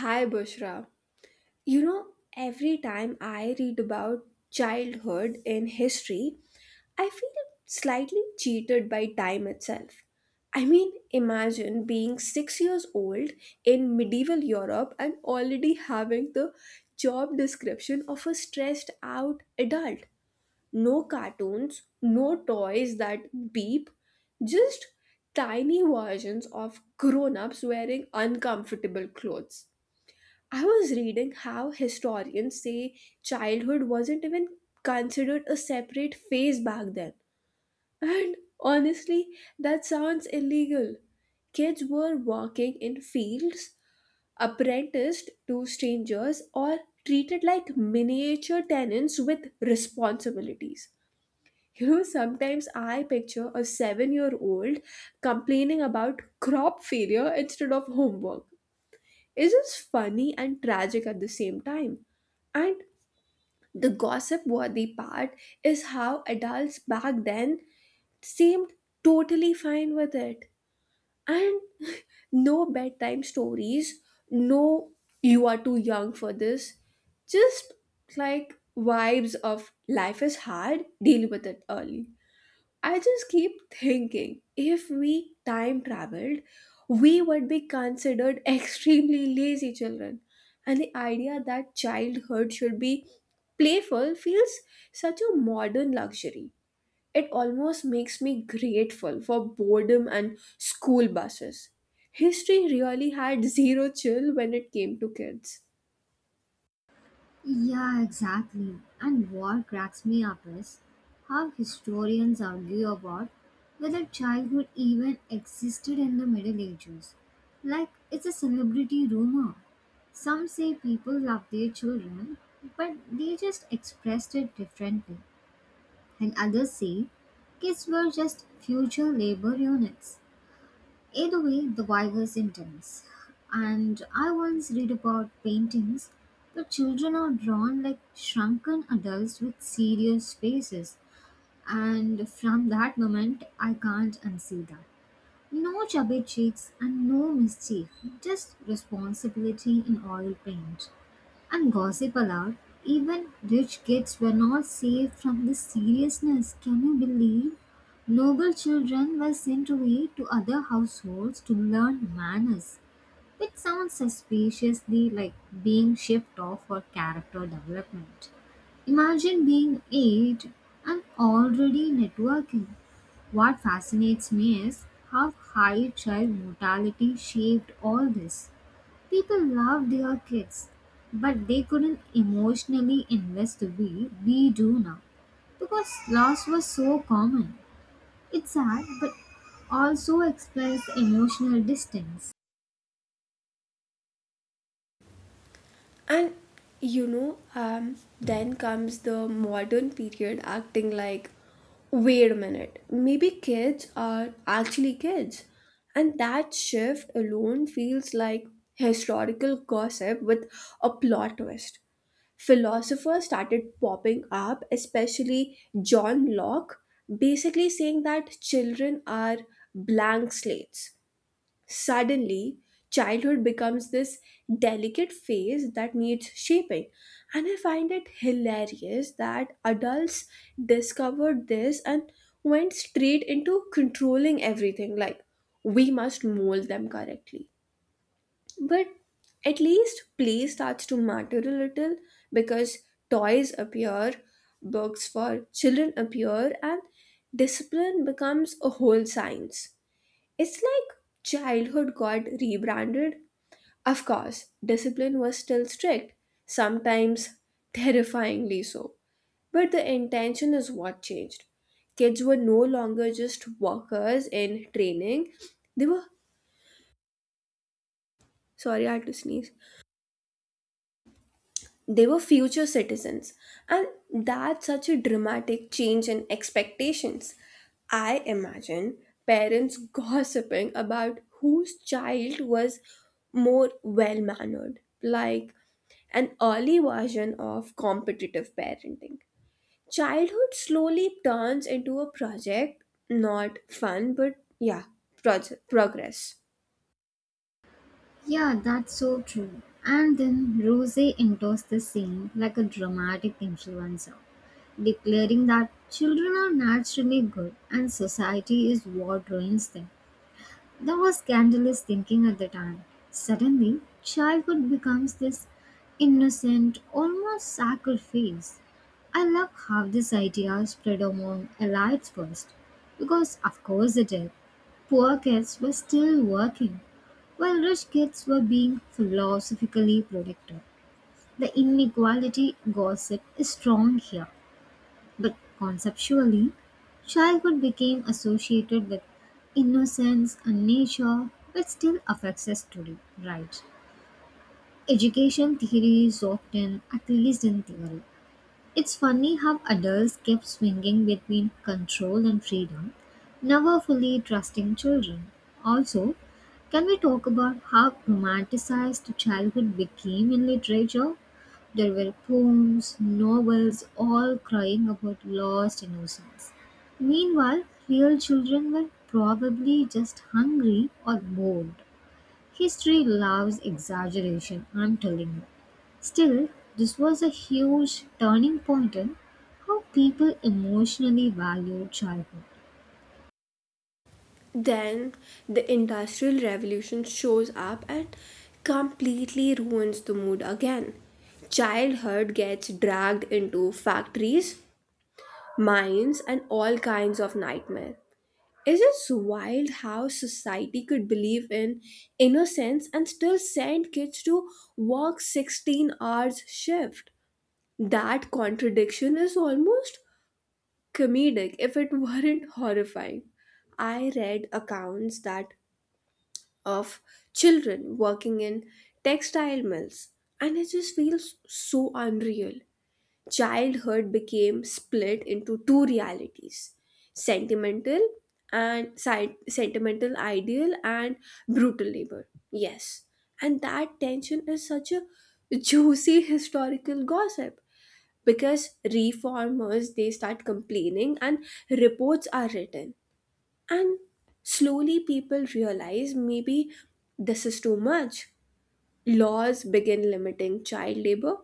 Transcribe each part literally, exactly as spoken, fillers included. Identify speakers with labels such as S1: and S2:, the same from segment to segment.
S1: Hi, Bushra. You know, every time I read about childhood in history, I feel slightly cheated by time itself. I mean, imagine being six years old in medieval Europe and already having the job description of a stressed out adult. No cartoons, no toys that beep, just tiny versions of grown ups wearing uncomfortable clothes. I was reading how historians say childhood wasn't even considered a separate phase back then. And honestly, that sounds illegal. Kids were working in fields, apprenticed to strangers, or treated like miniature tenants with responsibilities. You know, sometimes I picture a seven year old complaining about crop failure instead of homework is just funny and tragic at the same time. And the gossip worthy part is how adults back then seemed totally fine with it. And no bedtime stories, no, you are too young for this. Just like vibes of life is hard, deal with it early. I just keep thinking if we time traveled, we would be considered extremely lazy children. And the idea that childhood should be playful feels such a modern luxury. It almost makes me grateful for boredom and school buses. History really had zero chill when it came to kids.
S2: Yeah, exactly. And what cracks me up is how historians argue about whether childhood even existed in the Middle Ages. Like, it's a celebrity rumor. Some say people loved their children, but they just expressed it differently. And others say kids were just future labor units. Either way, the vibe is intense. And I once read about paintings where children are drawn like shrunken adults with serious faces. And from that moment, I can't unsee that. No chubby cheeks and no mischief, just responsibility in oil paint. And gossip allowed, even rich kids were not saved from this seriousness. Can you believe? Noble children were sent away to other households to learn manners, which sounds suspiciously like being shipped off for character development. Imagine being eight and already networking. What fascinates me is how high child mortality shaped all this. People loved their kids, but they couldn't emotionally invest the way we do now because loss was so common. It's sad, but also explains emotional distance.
S1: and you know um, then comes the modern period acting like, wait a minute, maybe kids are actually kids, and that shift alone feels like historical gossip with a plot twist. Philosophers started popping up, especially john locke, basically saying that children are blank slates. Suddenly, childhood becomes this delicate phase that needs shaping. And I find it hilarious that adults discovered this and went straight into controlling everything, like, we must mold them correctly. But at least play starts to matter a little because toys appear, books for children appear, and discipline becomes a whole science. It's like childhood got rebranded. Of course, discipline was still strict, sometimes terrifyingly so. But the intention is what changed. Kids were no longer just workers in training, they were sorry, I had to sneeze. They were future citizens, and that's such a dramatic change in expectations. I imagine parents gossiping about whose child was more well mannered, like an early version of competitive parenting. Childhood slowly turns into a project, not fun but, yeah, proj- progress.
S2: Yeah, that's so true. And then Rose enters the scene like a dramatic influencer, declaring that children are naturally good and society is what ruins them. That was scandalous thinking at the time. Suddenly, childhood becomes this innocent, almost sacred phase. I love how this idea spread among elites first, because of course it did. Poor kids were still working, while rich kids were being philosophically protected. The inequality gossip is strong here. But conceptually, childhood became associated with innocence and nature, which still affects us today, right? Education theory is often, at least in theory, it's funny how adults kept swinging between control and freedom, never fully trusting children. Also, can we talk about how romanticized childhood became in literature? There were poems, novels, all crying about lost innocence. Meanwhile, real children were probably just hungry or bored. History loves exaggeration, I'm telling you. Still, this was a huge turning point in how people emotionally valued childhood.
S1: Then the Industrial Revolution shows up and completely ruins the mood again. Childhood gets dragged into factories, mines, and all kinds of nightmare. It is wild how society could believe in innocence and still send kids to work sixteen hours shift. That contradiction is almost comedic if it weren't horrifying. I read accounts that of children working in textile mills, and it just feels so unreal. Childhood became split into two realities: sentimental and si- sentimental ideal, and brutal labor. Yes, and that tension is such a juicy historical gossip because reformers they start complaining and reports are written, and slowly people realize maybe this is too much. Laws begin limiting child labor,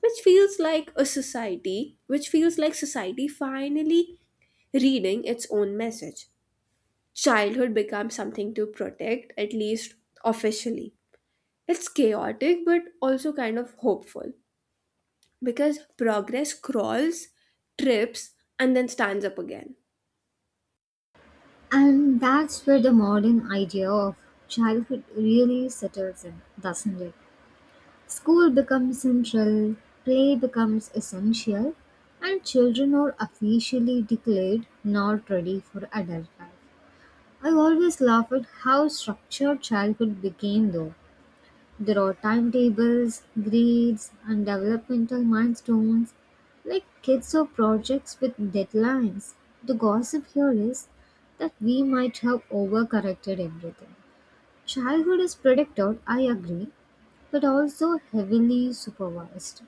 S1: which feels like a society, which feels like society finally reading its own message. Childhood becomes something to protect, at least officially. It's chaotic but also kind of hopeful because progress crawls, trips, and then stands up again.
S2: And that's where the modern idea of childhood really settles in, doesn't it? School becomes central, play becomes essential, and children are officially declared not ready for adult life. I always laugh at how structured childhood became, though. There are timetables, grades, and developmental milestones. Like kids or projects with deadlines. The gossip here is that we might have overcorrected everything. Childhood is predicted, I agree, but also heavily supervised.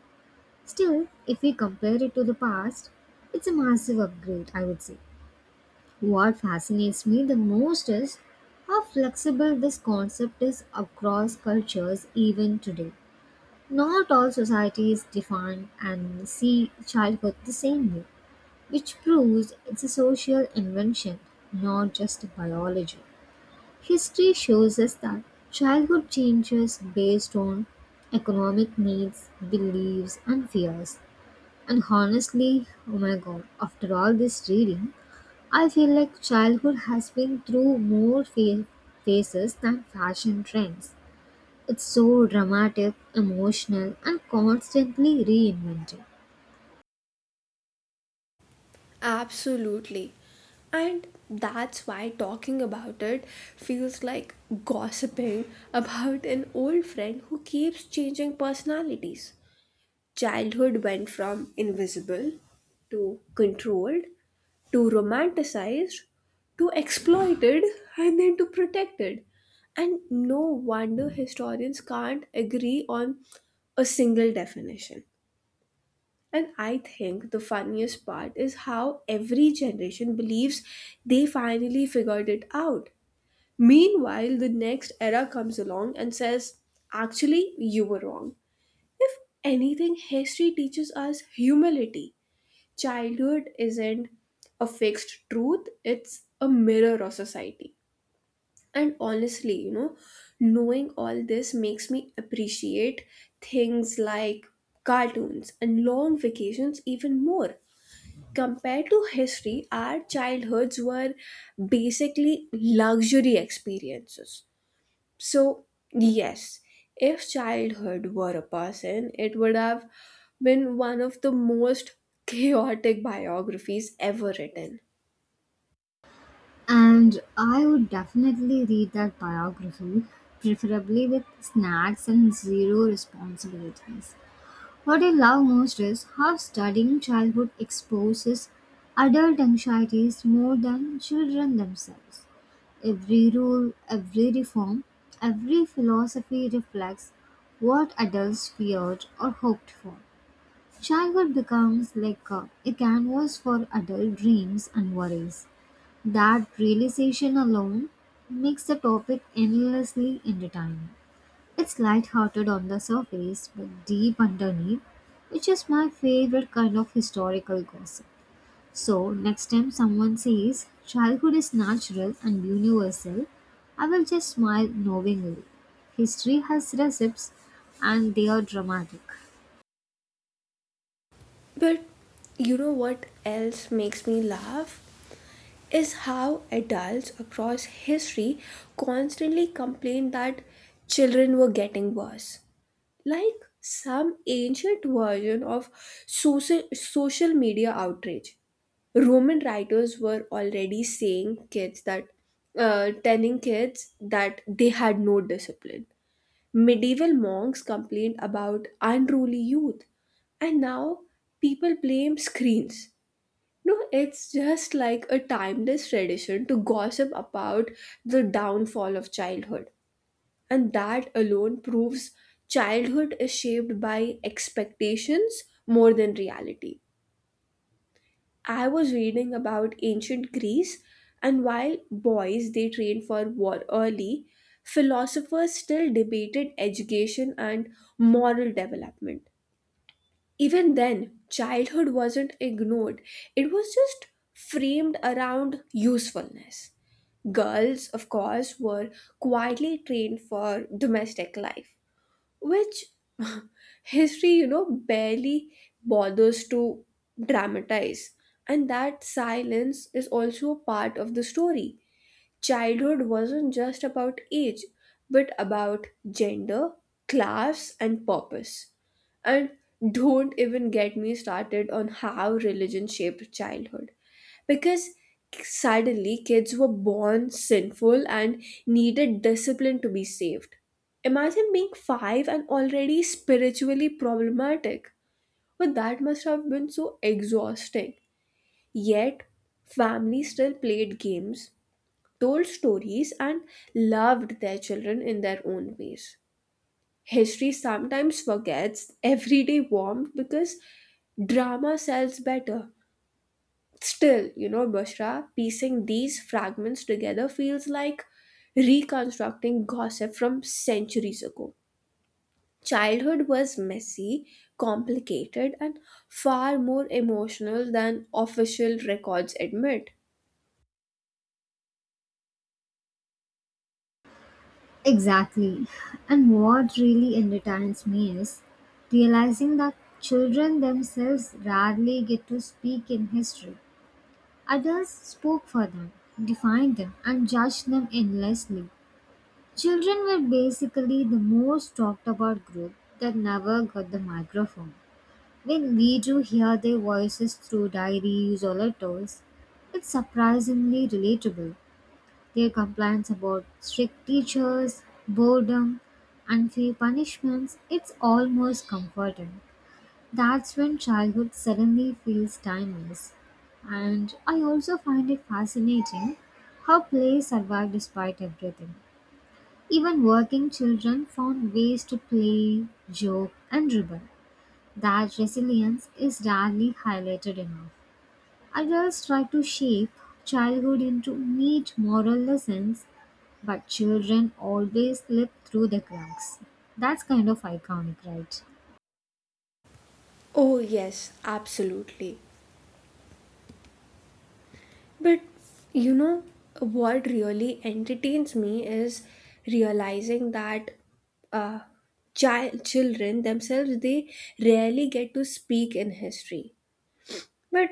S2: Still, if we compare it to the past, it's a massive upgrade, I would say. What fascinates me the most is how flexible this concept is across cultures even today. Not all societies define and see childhood the same way, which proves it's a social invention, not just a biology. History shows us that childhood changes based on economic needs, beliefs, and fears. And honestly, oh my god, after all this reading, I feel like childhood has been through more fa- phases than fashion trends. It's so dramatic, emotional, and constantly reinvented.
S1: Absolutely. And that's why talking about it feels like gossiping about an old friend who keeps changing personalities. Childhood went from invisible to controlled to romanticized to exploited and then to protected. And no wonder historians can't agree on a single definition. And I think the funniest part is how every generation believes they finally figured it out. Meanwhile, the next era comes along and says, actually, you were wrong. If anything, history teaches us humility. Childhood isn't a fixed truth, it's a mirror of society. And honestly, you know, knowing all this makes me appreciate things like cartoons and long vacations even more. Compared to history, our childhoods were basically luxury experiences. So, yes, if childhood were a person, it would have been one of the most chaotic biographies ever written.
S2: And I would definitely read that biography, preferably with snacks and zero responsibilities. What I love most is how studying childhood exposes adult anxieties more than children themselves. Every rule, every reform, every philosophy reflects what adults feared or hoped for. Childhood becomes like a, a canvas for adult dreams and worries. That realization alone makes the topic endlessly entertaining. It's lighthearted on the surface, but deep underneath, which is my favorite kind of historical gossip. So, next time someone says childhood is natural and universal, I will just smile knowingly. History has recipes and they are dramatic.
S1: But you know what else makes me laugh? Is how adults across history constantly complain that children were getting worse. Like some ancient version of social, social media outrage. Roman writers were already saying kids that, uh, telling kids that they had no discipline. Medieval monks complained about unruly youth, and now people blame screens. No, it's just like a timeless tradition to gossip about the downfall of childhood. And that alone proves childhood is shaped by expectations more than reality. I was reading about ancient Greece, and while boys they trained for war early, philosophers still debated education and moral development. Even then, childhood wasn't ignored, it was just framed around usefulness. Girls, of course, were quietly trained for domestic life, which history you know barely bothers to dramatize. And that silence is also a part of the story. Childhood wasn't just about age but about gender, class, and purpose. And don't even get me started on how religion shaped childhood. Because suddenly kids were born sinful and needed discipline to be saved. Imagine being five and already spiritually problematic. But that must have been so exhausting. Yet, families still played games, told stories, and loved their children in their own ways. History sometimes forgets everyday warmth because drama sells better. Still, you know, Bushra, piecing these fragments together feels like reconstructing gossip from centuries ago. Childhood was messy, complicated, and far more emotional than official records admit.
S2: Exactly. And what really entertains me is realizing that children themselves rarely get to speak in history. Adults spoke for them, defined them, and judged them endlessly. Children were basically the most talked about group that never got the microphone. When we do hear their voices through diaries or letters, it's surprisingly relatable. Their complaints about strict teachers, boredom, unfair punishments, it's almost comforting. That's when childhood suddenly feels timeless. And I also find it fascinating how play survived despite everything. Even working children found ways to play, joke, and rebel. That resilience is rarely highlighted enough. Adults try to shape childhood into neat moral lessons but children always slip through the cracks. That's kind of iconic, right?
S1: Oh, yes, absolutely. But you know what really entertains me is realizing that uh, child children themselves they rarely get to speak in history. But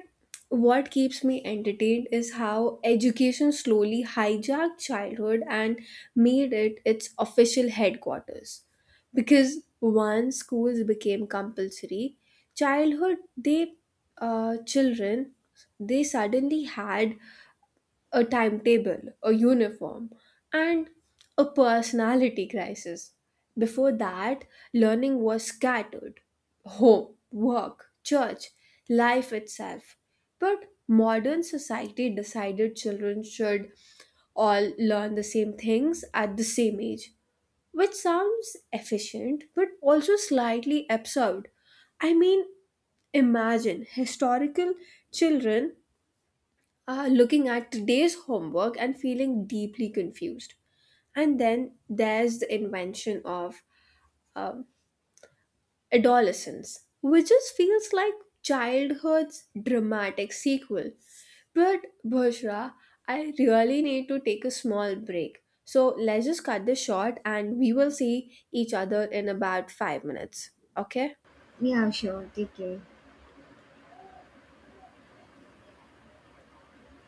S1: what keeps me entertained is how education slowly hijacked childhood and made it its official headquarters. Because once schools became compulsory, childhood they uh, children they suddenly had a timetable, a uniform, and a personality crisis. Before that, learning was scattered: home, work, church, life itself. But modern society decided children should all learn the same things at the same age, which sounds efficient but also slightly absurd. I mean, imagine historical children uh, looking at today's homework and feeling deeply confused. And then there's the invention of um, adolescence, which just feels like childhood's dramatic sequel. But Bhushra, I really need to take a small break. So let's just cut this short and we will see each other in about five minutes. Okay?
S2: Yeah, sure. Take care.